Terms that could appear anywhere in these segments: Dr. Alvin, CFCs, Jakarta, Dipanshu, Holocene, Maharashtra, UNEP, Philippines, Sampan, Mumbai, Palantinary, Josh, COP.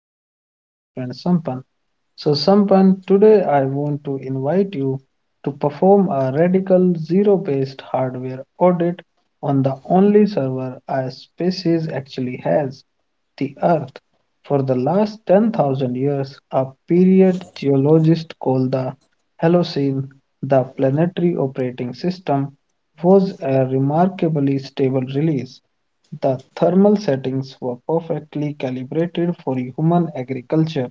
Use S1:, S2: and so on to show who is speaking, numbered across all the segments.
S1: and this is my friend Sampan. So, Sampan, today I want to invite you to perform a radical zero based hardware audit on the only server our species actually has, the Earth. For the last 10,000 years, a period geologist called the Holocene the planetary operating system was a remarkably stable release. The thermal settings were perfectly calibrated for human agriculture.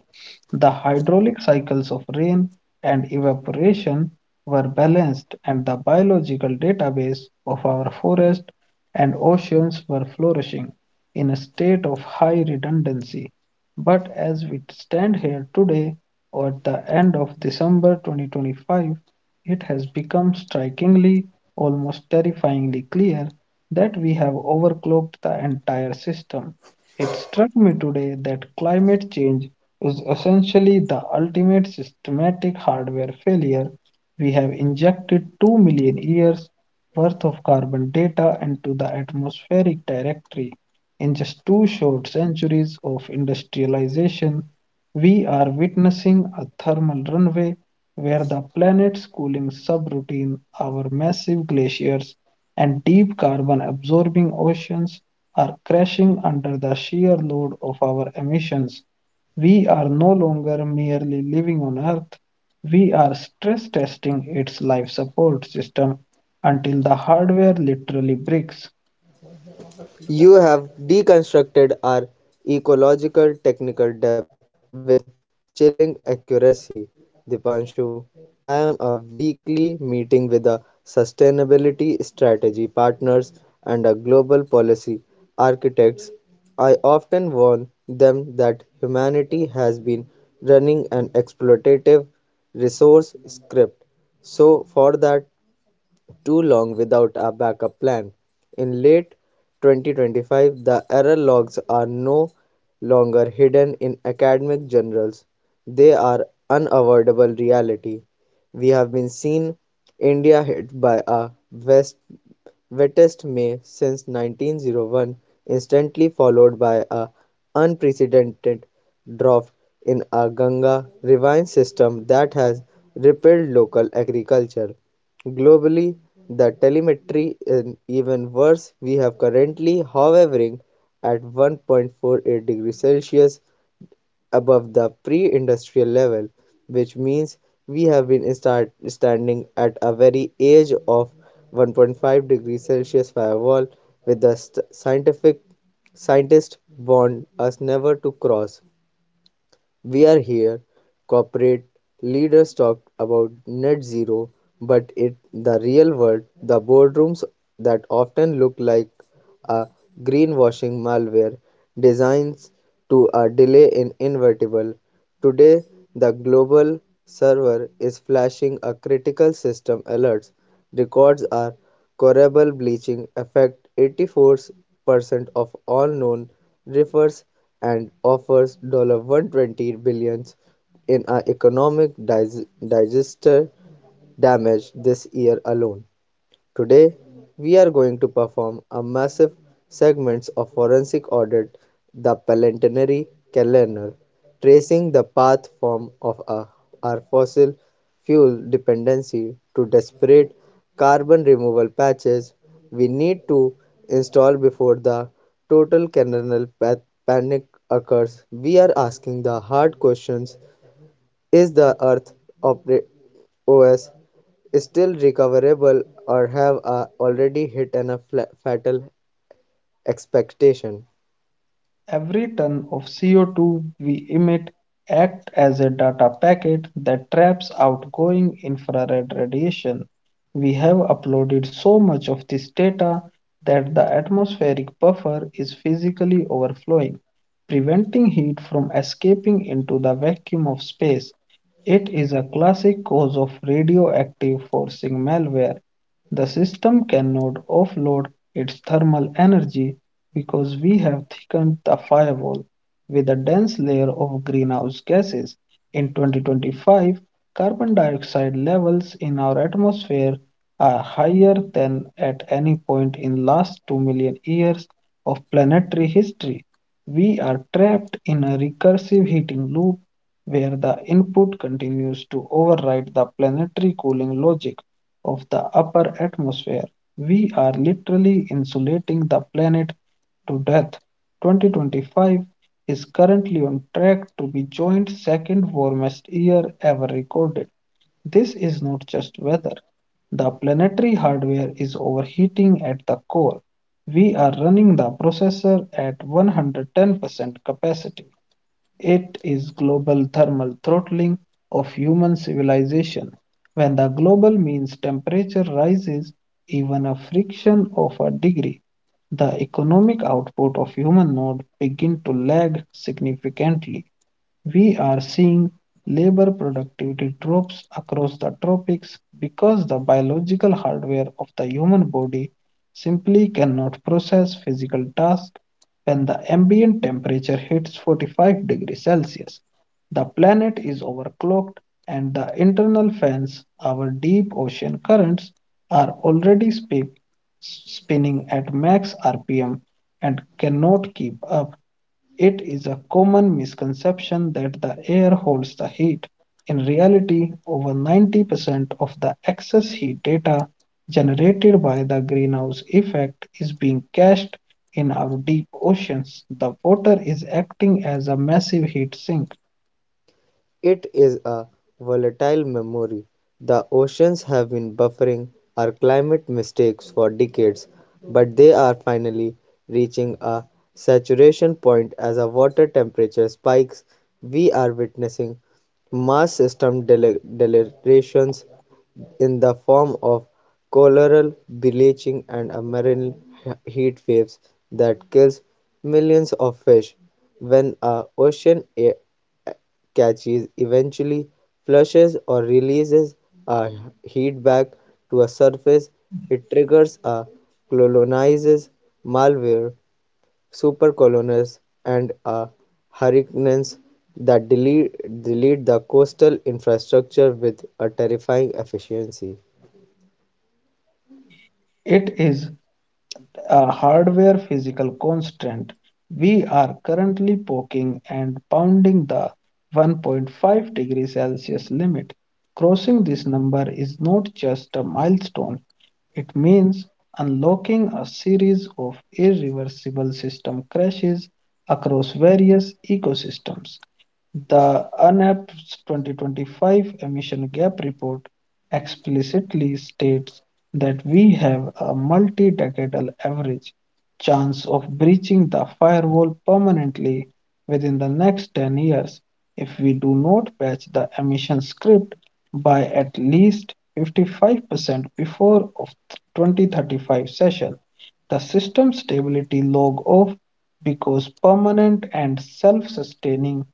S1: The hydraulic cycles of rain and evaporation were balanced, and the biological database of our forests and oceans were flourishing in a state of high redundancy. But as we stand here today, or at the end of December 2025, it has become strikingly, almost terrifyingly clear that we have overclocked the entire system. It struck me today that climate change is essentially the ultimate systematic hardware failure. We have injected 2 million years worth of carbon data into the atmospheric directory. In just two short centuries of industrialization, we are witnessing a thermal runaway where the planet's cooling subroutine, our massive glaciers, and deep carbon absorbing oceans are crashing under the sheer load of our emissions. We are no longer merely living on Earth, we are stress testing its life support system until the hardware literally breaks.
S2: You have deconstructed our ecological technical depth with chilling accuracy, Dipanshu. I am a weekly meeting with a sustainability strategy partners and a global policy architects. I often warn them that humanity has been running an exploitative resource script. So for that too long without a backup plan. In late 2025, the error logs are no longer hidden in academic journals. They are unavoidable reality. We have been seen India hit by a West wettest May since 1901, instantly followed by an unprecedented drought in a Ganga ravine system that has crippled local agriculture. Globally, the telemetry is even worse. We have currently hovering at 1.48 degrees Celsius above the pre-industrial level, which means we have been start standing at a very edge of 1.5 degrees Celsius firewall with the scientific scientists warned us never to cross. We are here. Corporate leaders talk about net zero, but in the real world, the boardrooms that often look like a greenwashing malware designs to a delay in inevitable. Today, the global server is flashing a critical system alert. Records are corable bleaching affect 84% of all known refers and offers $120 billion dollars in a economic disaster damage this year alone. Today, we are going to perform a massive segments of forensic audit the Palantinary calendar, tracing the path form of a our fossil fuel dependency to desperate carbon removal patches we need to install before the total canonical panic occurs. We are asking the hard questions, is the Earth opre- OS still recoverable or have already hit a fatal expectation?
S1: Every ton of CO2 we emit acts as a data packet that traps outgoing infrared radiation. We have uploaded so much of this data that the atmospheric buffer is physically overflowing, preventing heat from escaping into the vacuum of space. It is a classic cause of radioactive forcing malware. The system cannot offload its thermal energy because we have thickened the firewall with a dense layer of greenhouse gases. In 2025, carbon dioxide levels in our atmosphere are higher than at any point in last 2 million years of planetary history. We are trapped in a recursive heating loop where the input continues to override the planetary cooling logic of the upper atmosphere. We are literally insulating the planet to death. 2025 is currently on track to be joint second warmest year ever recorded. This is not just weather. The planetary hardware is overheating at the core. We are running the processor at 110% capacity. It is global thermal throttling of human civilization. When the global means temperature rises even a fraction of a degree, the economic output of human node begin to lag significantly. We are seeing labor productivity drops across the tropics because the biological hardware of the human body simply cannot process physical tasks when the ambient temperature hits 45 degrees Celsius, the planet is overclocked and the internal fans, our deep ocean currents, are already spinning at max RPM and cannot keep up. It is a common misconception that the air holds the heat. In reality, over 90% of the excess heat data generated by the greenhouse effect is being cached in our deep oceans, the water is acting as a massive heat sink.
S2: It is a volatile memory. The oceans have been buffering our climate mistakes for decades, but they are finally reaching a saturation point as our water temperature spikes. We are witnessing mass system delirations in the form of coral bleaching and a marine heat waves that kills millions of fish when a ocean catches eventually flushes or releases a heat back to a surface, it triggers a colonizes malware, supercolonies, and a hurricanes that delete the coastal infrastructure with a terrifying efficiency.
S1: It is a hardware physical constant. We are currently poking and pounding the 1.5-degree Celsius limit. Crossing this number is not just a milestone. It means unlocking a series of irreversible system crashes across various ecosystems. The UNEP's 2025 Emission Gap Report explicitly states that we have a multi decadal average chance of breaching the firewall permanently within the next 10 years if we do not patch the emission script by at least 55% before of 2035 session, the system stability log off because permanent and self-sustaining,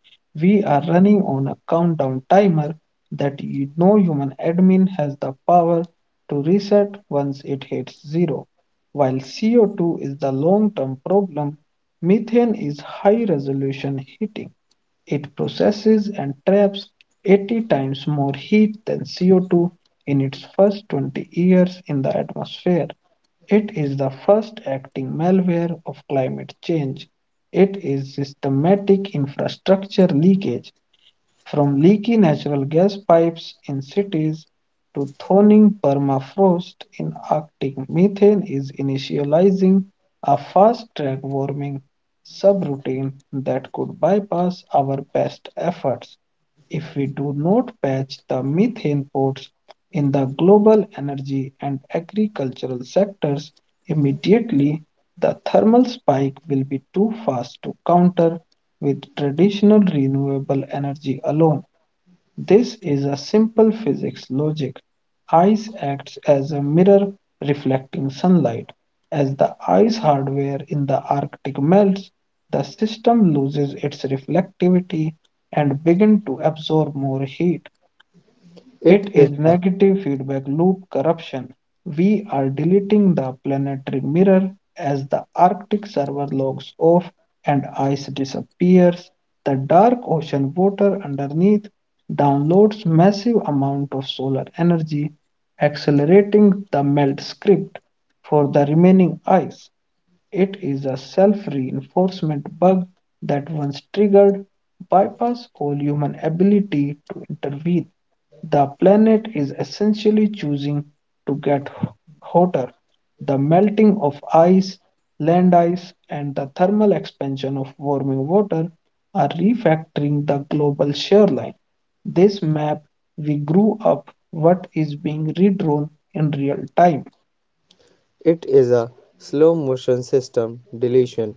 S1: we are running on a countdown timer that no human admin has the power to reset once it hits zero. While CO2 is the long-term problem, methane is high-resolution heating. It processes and traps 80 times more heat than CO2 in its first 20 years in the atmosphere. It is the first acting malware of climate change. It is systematic infrastructure leakage from leaky natural gas pipes in cities to thawing permafrost in Arctic, methane is initializing a fast-track warming subroutine that could bypass our best efforts if we do not patch the methane ports in the global energy and agricultural sectors immediately, the thermal spike will be too fast to counter with traditional renewable energy alone. This is a simple physics logic. Ice acts as a mirror reflecting sunlight. As the ice hardware in the Arctic melts, the system loses its reflectivity and begins to absorb more heat.
S2: It
S1: It
S2: is
S1: is
S2: a,
S1: negative feedback loop corruption. We are deleting the planetary mirror as the Arctic server logs off and ice disappears. The dark ocean water underneath downloads massive amount of solar energy, accelerating the melt script for the remaining ice. It is a self reinforcement bug that, once triggered, bypasses all human ability to intervene. The planet is essentially choosing to get hotter. The melting of ice, land ice, and the thermal expansion of warming water are refactoring the global shoreline. This map we grew up what is being redrawn in real time.
S2: it is a slow motion system deletion.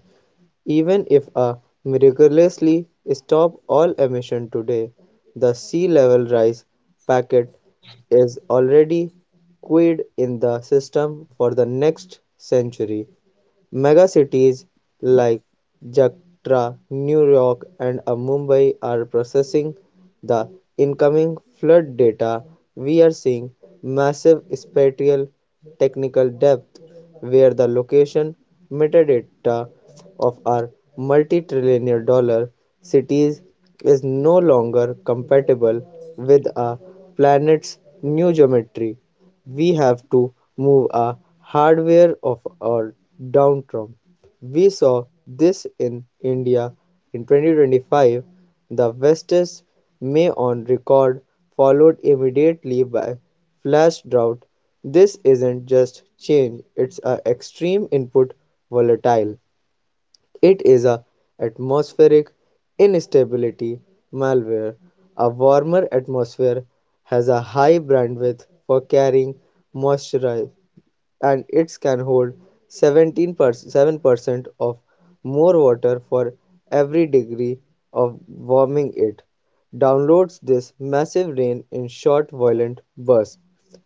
S2: Even if a miraculously stop all emission today, the sea level rise packet is already queued in the system for the next century. Megacities like Jakarta, New York, and Mumbai are processing the incoming flood data. We are seeing massive spatial technical depth where the location metadata of our multi-multi-trillion-dollar cities is no longer compatible with a planet's new geometry. We have to move our hardware of our downtron. We saw this in India in 2025. The West's May on record followed immediately by flash drought. This isn't just change, it's an extreme input volatile. It is a atmospheric instability malware. A warmer atmosphere has a high bandwidth for carrying moisture and it can hold 17% of more water for every degree of warming. It downloads this massive rain in short violent bursts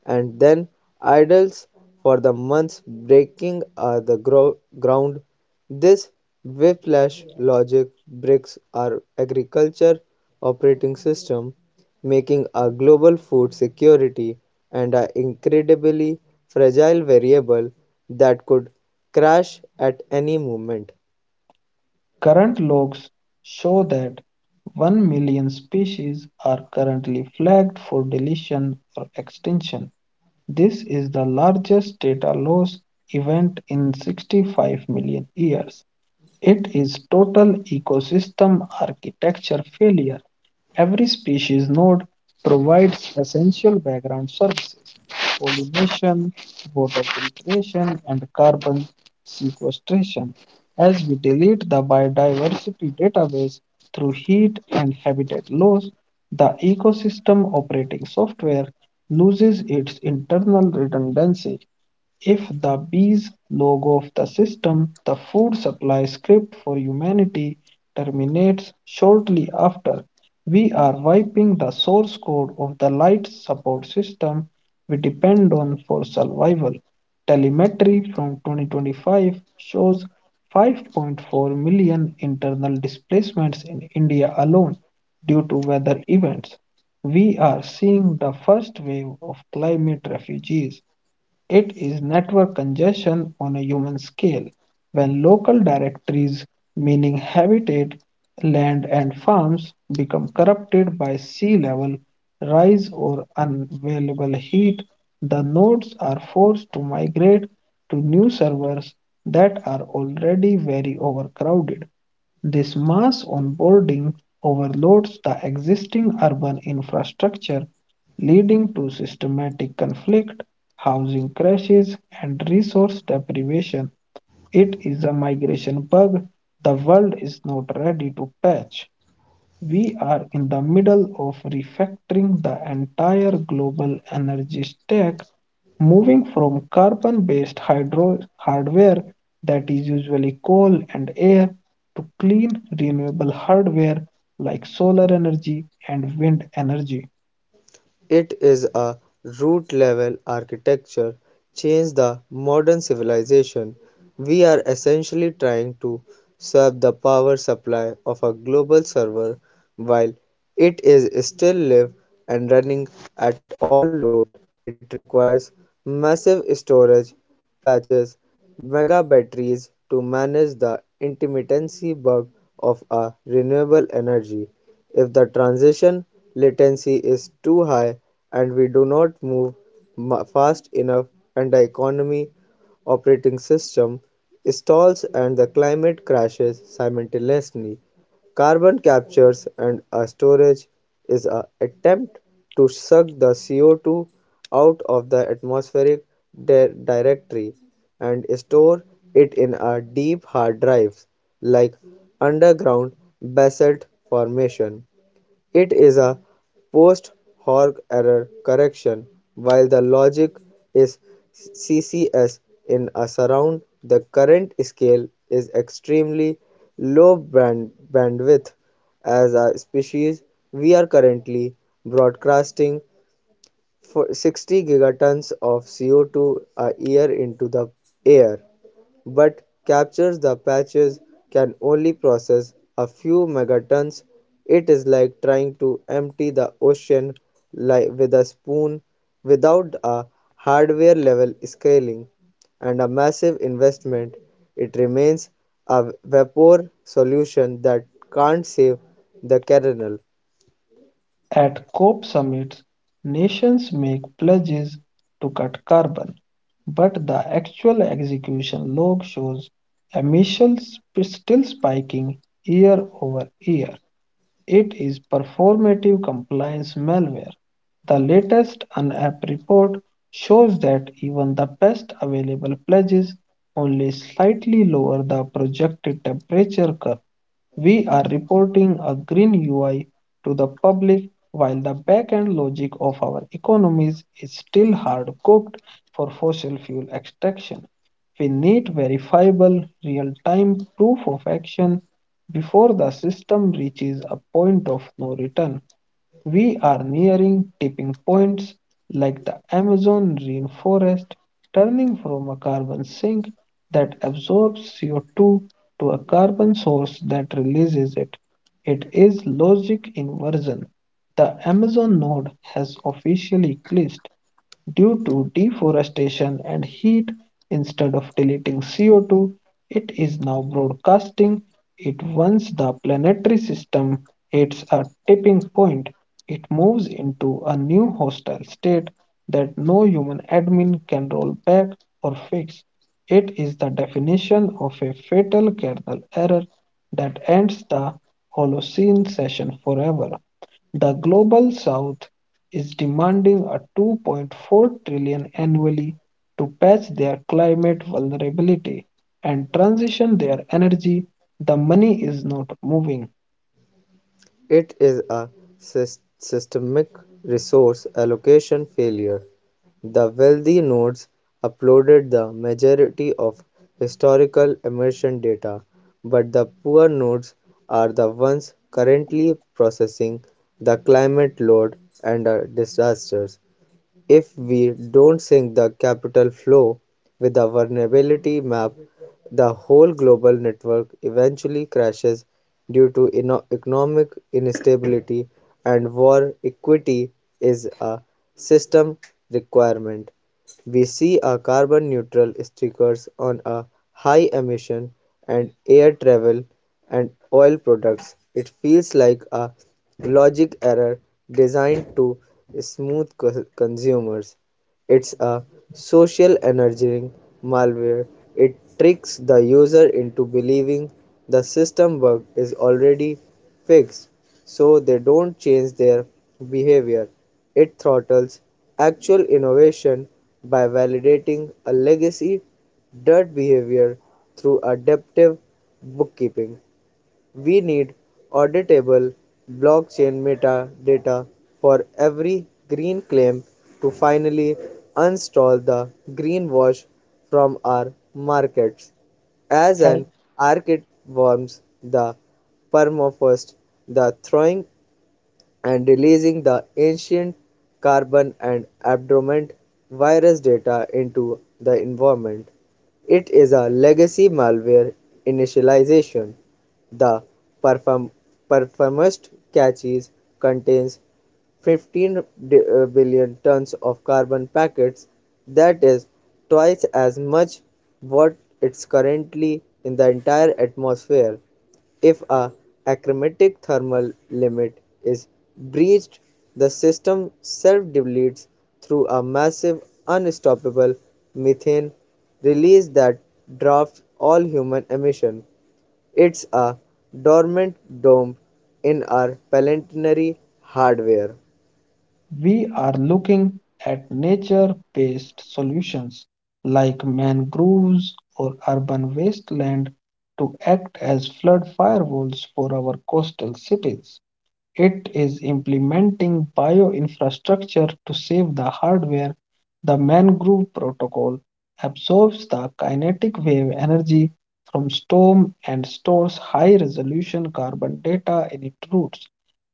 S2: and then idles for the months, breaking are the ground. This whiplash logic breaks our agriculture operating system, making our global food security and an incredibly fragile variable that could crash at any moment.
S1: Current logs show that 1 million species are currently flagged for deletion or extinction. This is the largest data loss event in 65 million years. It is total ecosystem architecture failure. Every species node provides essential background services pollination, water filtration, and carbon sequestration. As we delete the biodiversity database through heat and habitat loss, the ecosystem operating software loses its internal redundancy. If the bees log of the system, the food supply script for humanity terminates shortly after. We are wiping the source code of the light support system we depend on for survival. Telemetry from 2025 shows 5.4 million internal displacements in India alone due to weather events. We are seeing the first wave of climate refugees. It is network congestion on a human scale, when local directories, meaning habitat, land, and farms, become corrupted by sea level rise or unavailable heat. The nodes are forced to migrate to new servers that are already very overcrowded. This mass onboarding overloads the existing urban infrastructure leading to systematic conflict, housing crashes, and resource deprivation. It is a migration bug the world is not ready to patch. We are in the middle of refactoring the entire global energy stack, moving from carbon based hydro hardware that is usually coal and air to clean renewable hardware like solar energy and wind energy.
S2: It is a root-level architecture change the modern civilization. We are essentially trying to serve the power supply of a global server while it is still live and running at all load. It requires massive storage patches, mega batteries to manage the intermittency bug of a renewable energy. If the transition latency is too high and we do not move fast enough and the economy operating system stalls and the climate crashes simultaneously, carbon captures and storage is an attempt to suck the CO2 out of the atmospheric directory and store it in a deep hard drive like underground basalt formation. It is a post hoc error correction while the logic is CCS in a surround. The current scale is extremely bandwidth as a species. We are currently broadcasting for 60 gigatons of CO2 a year into the air but captures the patches can only process a few megatons. It is like trying to empty the ocean with a spoon without a hardware level scaling and a massive investment. It remains a vapor solution that can't save the kernel.
S1: At COP summits, nations make pledges to cut carbon, but the actual execution log shows emissions still spiking year over year. It is performative compliance malware. The latest UNEP report shows that even the best available pledges only slightly lower the projected temperature curve. We are reporting a green UI to the public while the back-end logic of our economies is still hard-cooked for fossil fuel extraction. We need verifiable, real-time proof of action before the system reaches a point of no return. We are nearing tipping points like the Amazon rainforest, turning from a carbon sink that absorbs CO2 to a carbon source that releases it. It is logic inversion. The Amazon node has officially glitched. Due to deforestation and heat, instead of deleting CO2, it is now broadcasting it once the planetary system hits a tipping point. It moves into a new hostile state that no human admin can roll back or fix. It is the definition of a fatal kernel error that ends the Holocene session forever. The global south is demanding a 2.4 trillion annually to patch their climate vulnerability and transition their energy, the money is not moving
S2: It is a systemic resource allocation failure. The wealthy nodes uploaded the majority of historical emission data, but the poor nodes are the ones currently processing the climate load and disasters. If we don't sync the capital flow with the vulnerability map, the whole global network eventually crashes due to economic instability and war. Equity is a system requirement. We see a carbon neutral stickers on a high emission and air travel and oil products. It feels like a logic error designed to smooth consumers. It's a social engineering malware. It tricks the user into believing the system bug is already fixed so they don't change their behavior. It throttles actual innovation by validating a legacy dirt behavior through adaptive bookkeeping. We need auditable blockchain metadata for every green claim to finally uninstall the greenwash from our markets. As
S1: as
S2: an archit warms the permafrost, the thawing and releasing the ancient carbon and abdormant virus data into the environment. It is a legacy malware initialization. The perform- performance caches contains 15 billion tons of carbon packets. That is twice as much what it's currently in the entire atmosphere. If a achromatic thermal limit is breached, the system self-depletes through a massive unstoppable methane release that drafts all human emission. It's a dormant dome in our planetary hardware.
S1: we are looking at nature-based solutions like mangroves or urban wasteland to act as flood firewalls for our coastal cities. It is implementing bioinfrastructure to save the hardware. The mangrove protocol absorbs the kinetic wave energy from storm and stores high-resolution carbon data in its roots.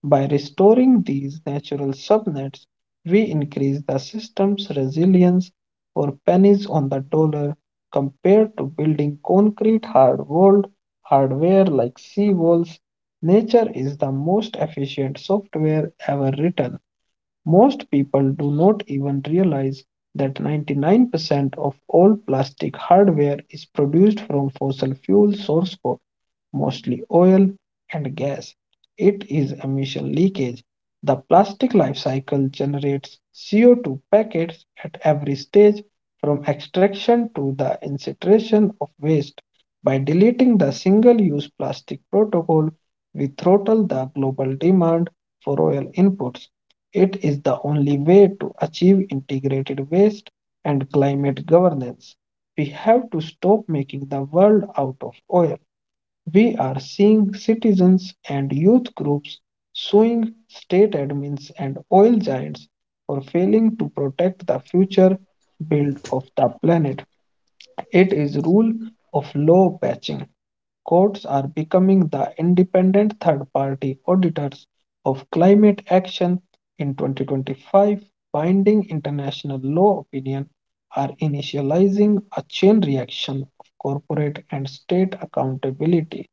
S1: By restoring these natural subnets, we increase the system's resilience for pennies on the dollar compared to building concrete hard walled hardware like seawalls. Nature is the most efficient software ever written. Most people do not even realize that 99% of all plastic hardware is produced from fossil fuel source code mostly oil and gas. It is emission leakage. The plastic life cycle generates CO2 packets at every stage from extraction to the incineration of waste. By deleting the single use plastic protocol, we throttle the global demand for oil inputs. It is the only way to achieve integrated waste and climate governance. We have to stop making the world out of oil. We are seeing citizens and youth groups suing state admins and oil giants for failing to protect the future build of the planet. It is rule of law patching. Courts are becoming the independent third party auditors of climate action in 2025. Binding international law opinion are initializing a chain reaction of corporate and state accountability.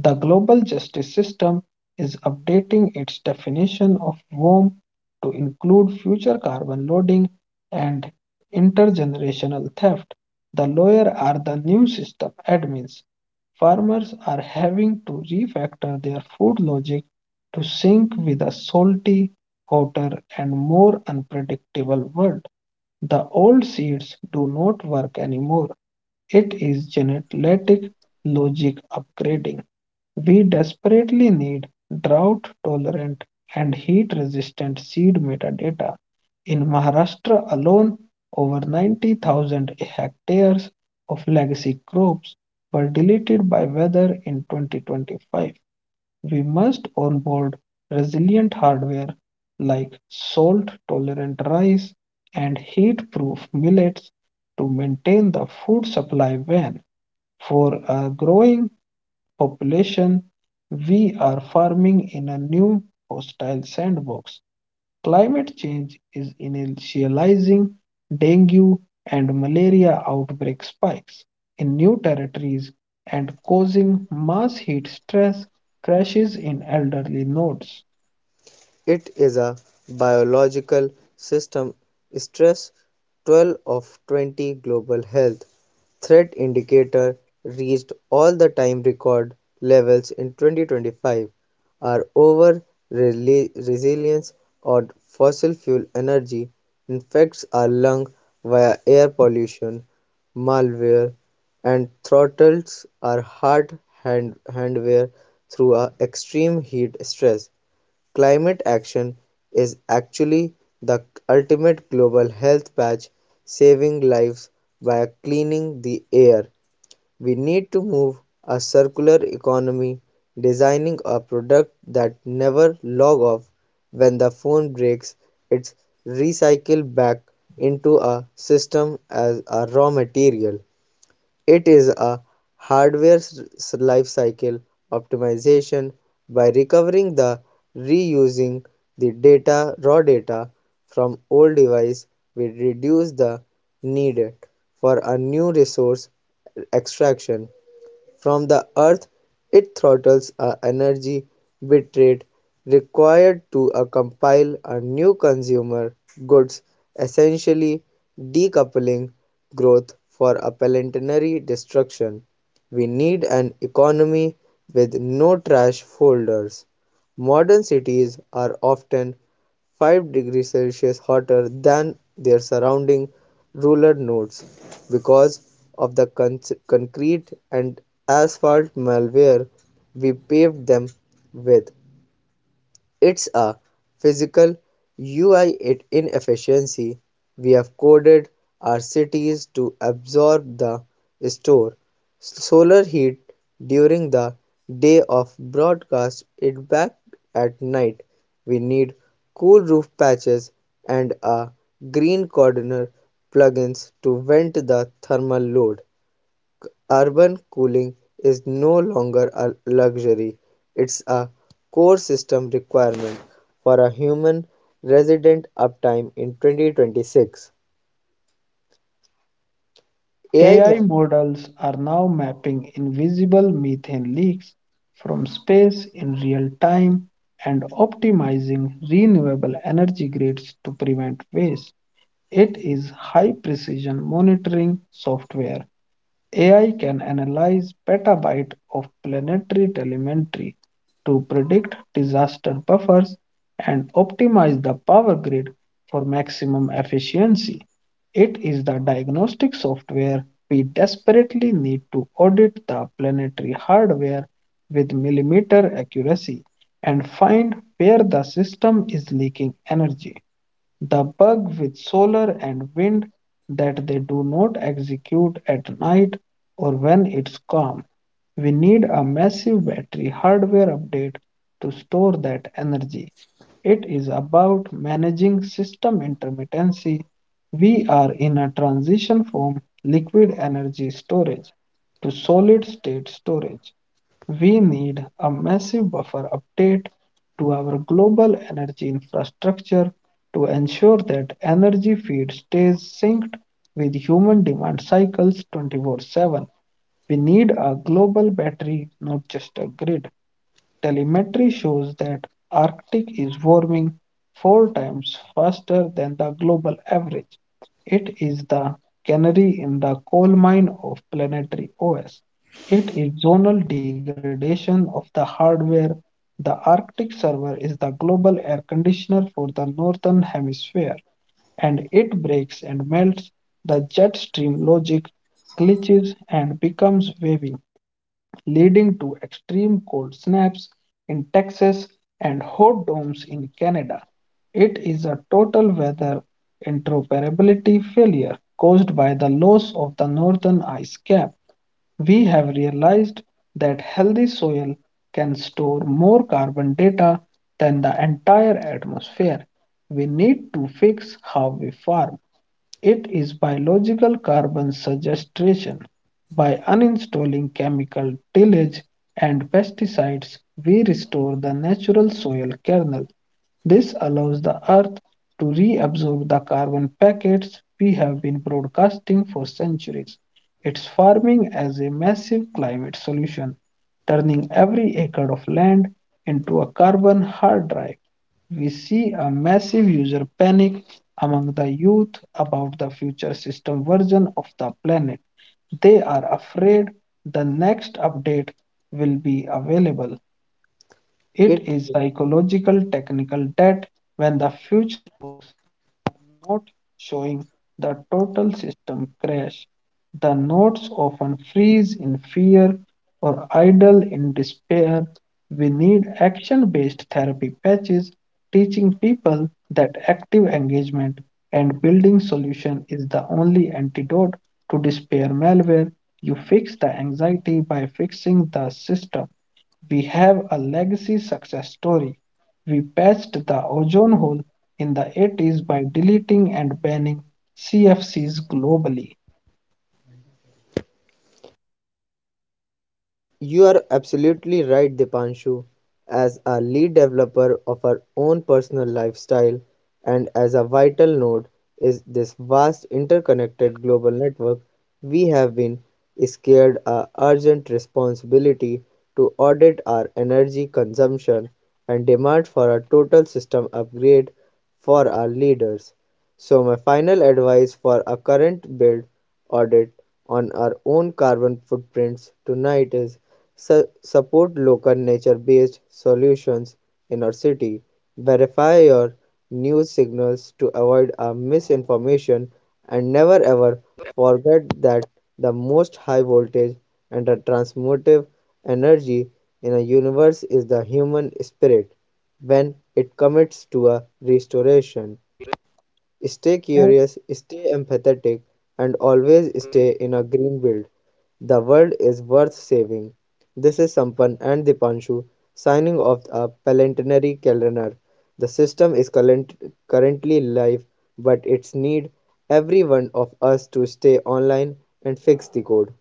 S1: The global justice system is updating its definition of WOM to include future carbon loading and intergenerational theft. The lawyer are the new system admins. Farmers are having to refactor their food logic to sync with a salty, hotter, and more unpredictable world. The old seeds do not work anymore. It is genetic logic upgrading. We desperately need drought tolerant and heat resistant seed metadata. In Maharashtra alone, over 90,000 hectares of legacy crops were deleted by weather in 2025. We must onboard resilient hardware like salt tolerant rice and heat proof millets to maintain the food supply when for a growing population, we are farming in a new hostile sandbox. Climate change is initializing dengue and malaria outbreak spikes in new territories and causing mass heat stress crashes in elderly nodes.
S2: It is a biological system stress. 12 of 20 global health threat indicator reached all the time record levels in 2025 are over resilience or fossil fuel energy infects our lung via air pollution malware and throttles our heart handware through our extreme heat stress. Climate action is actually the ultimate global health patch, saving lives by cleaning the air. We need to move a circular economy, designing a product that never log off. When the phone breaks, it's recycled back into a system as a raw material. It is a life cycle optimization by recovering the reusing the data raw data from old device. We reduce the needed for a new resource extraction from the Earth. It throttles a energy bitrate required to compile a new consumer goods, essentially decoupling growth for a planetary destruction. We need an economy with no trash folders. Modern cities are often 5 degrees Celsius hotter than their surrounding rural nodes because of the concrete and asphalt malware we paved them with. It's a physical UI inefficiency. We have coded our cities to absorb the store solar heat during the day of broadcast it back at night. We need cool roof patches and a green corner plugins to vent the thermal load. Urban cooling is no longer a luxury, it's a core system requirement for a human resident uptime in 2026. AI
S1: AI
S2: model
S1: models are now mapping invisible methane leaks from space in real time and optimizing renewable energy grids to prevent waste. It is high precision monitoring software. AI can analyze petabyte of planetary telemetry to predict disaster buffers and optimize the power grid for maximum efficiency. It is the diagnostic software we desperately need to audit the planetary hardware with millimeter accuracy and find where the system is leaking energy. The bug with solar and wind that they do not execute at night or when it's calm. We need a massive battery hardware update to store that energy. It is about managing system intermittency. We are in a transition from liquid energy storage to solid state storage we need a massive buffer update to our global energy infrastructure to ensure that energy feed stays synced with human demand cycles 24/7. We need a global battery, not just a grid. Telemetry shows that Arctic is warming four times faster than the global average. It is the canary in the coal mine of planetary OS. It is zonal degradation of the hardware. The Arctic server is the global air conditioner for the northern hemisphere, and it breaks and melts. The jet stream logic glitches and becomes wavy leading to extreme cold snaps in Texas and hot domes in Canada. It is a total weather interoperability failure caused by the loss of the northern ice cap. We have realized that healthy soil can store more carbon data than the entire atmosphere. We need to fix how we farm. It is biological carbon sequestration. By uninstalling chemical tillage and pesticides, we restore the natural soil kernel. This allows the earth to reabsorb the carbon packets we have been broadcasting for centuries. It's farming as a massive climate solution, turning every acre of land into a carbon hard drive. We see a massive user panic among the youth about the future system version of the planet. They are afraid the next update will be available. It
S2: it.
S1: is psychological technical debt when the future a note showing the total system crash, the nodes often freeze in fear or idle in despair. We need action based therapy patches, teaching people that active engagement and building solution is the only antidote to despair malware. You fix the anxiety by fixing the system. We have a legacy success story. We patched the ozone hole in the 80s by deleting and banning CFCs globally.
S2: You are absolutely right, Dipanshu. As a lead developer of our own personal lifestyle, and as a vital node is this vast interconnected global network, we have been scared a urgent responsibility to audit our energy consumption and demand for a total system upgrade for our leaders. So, my final advice for a current build audit on our own carbon footprints tonight is support local nature based solutions in our city. Verify your news signals to avoid a misinformation and never ever forget that the most high voltage and the transmotive energy in a universe is the human spirit. When it commits to a restoration, stay curious, stay empathetic, and always stay in a green build. The world is worth saving. This is Sampan and Dipanshu signing off a Palantinary calendar. The system is currently live, but it's need every one of us to stay online and fix the code.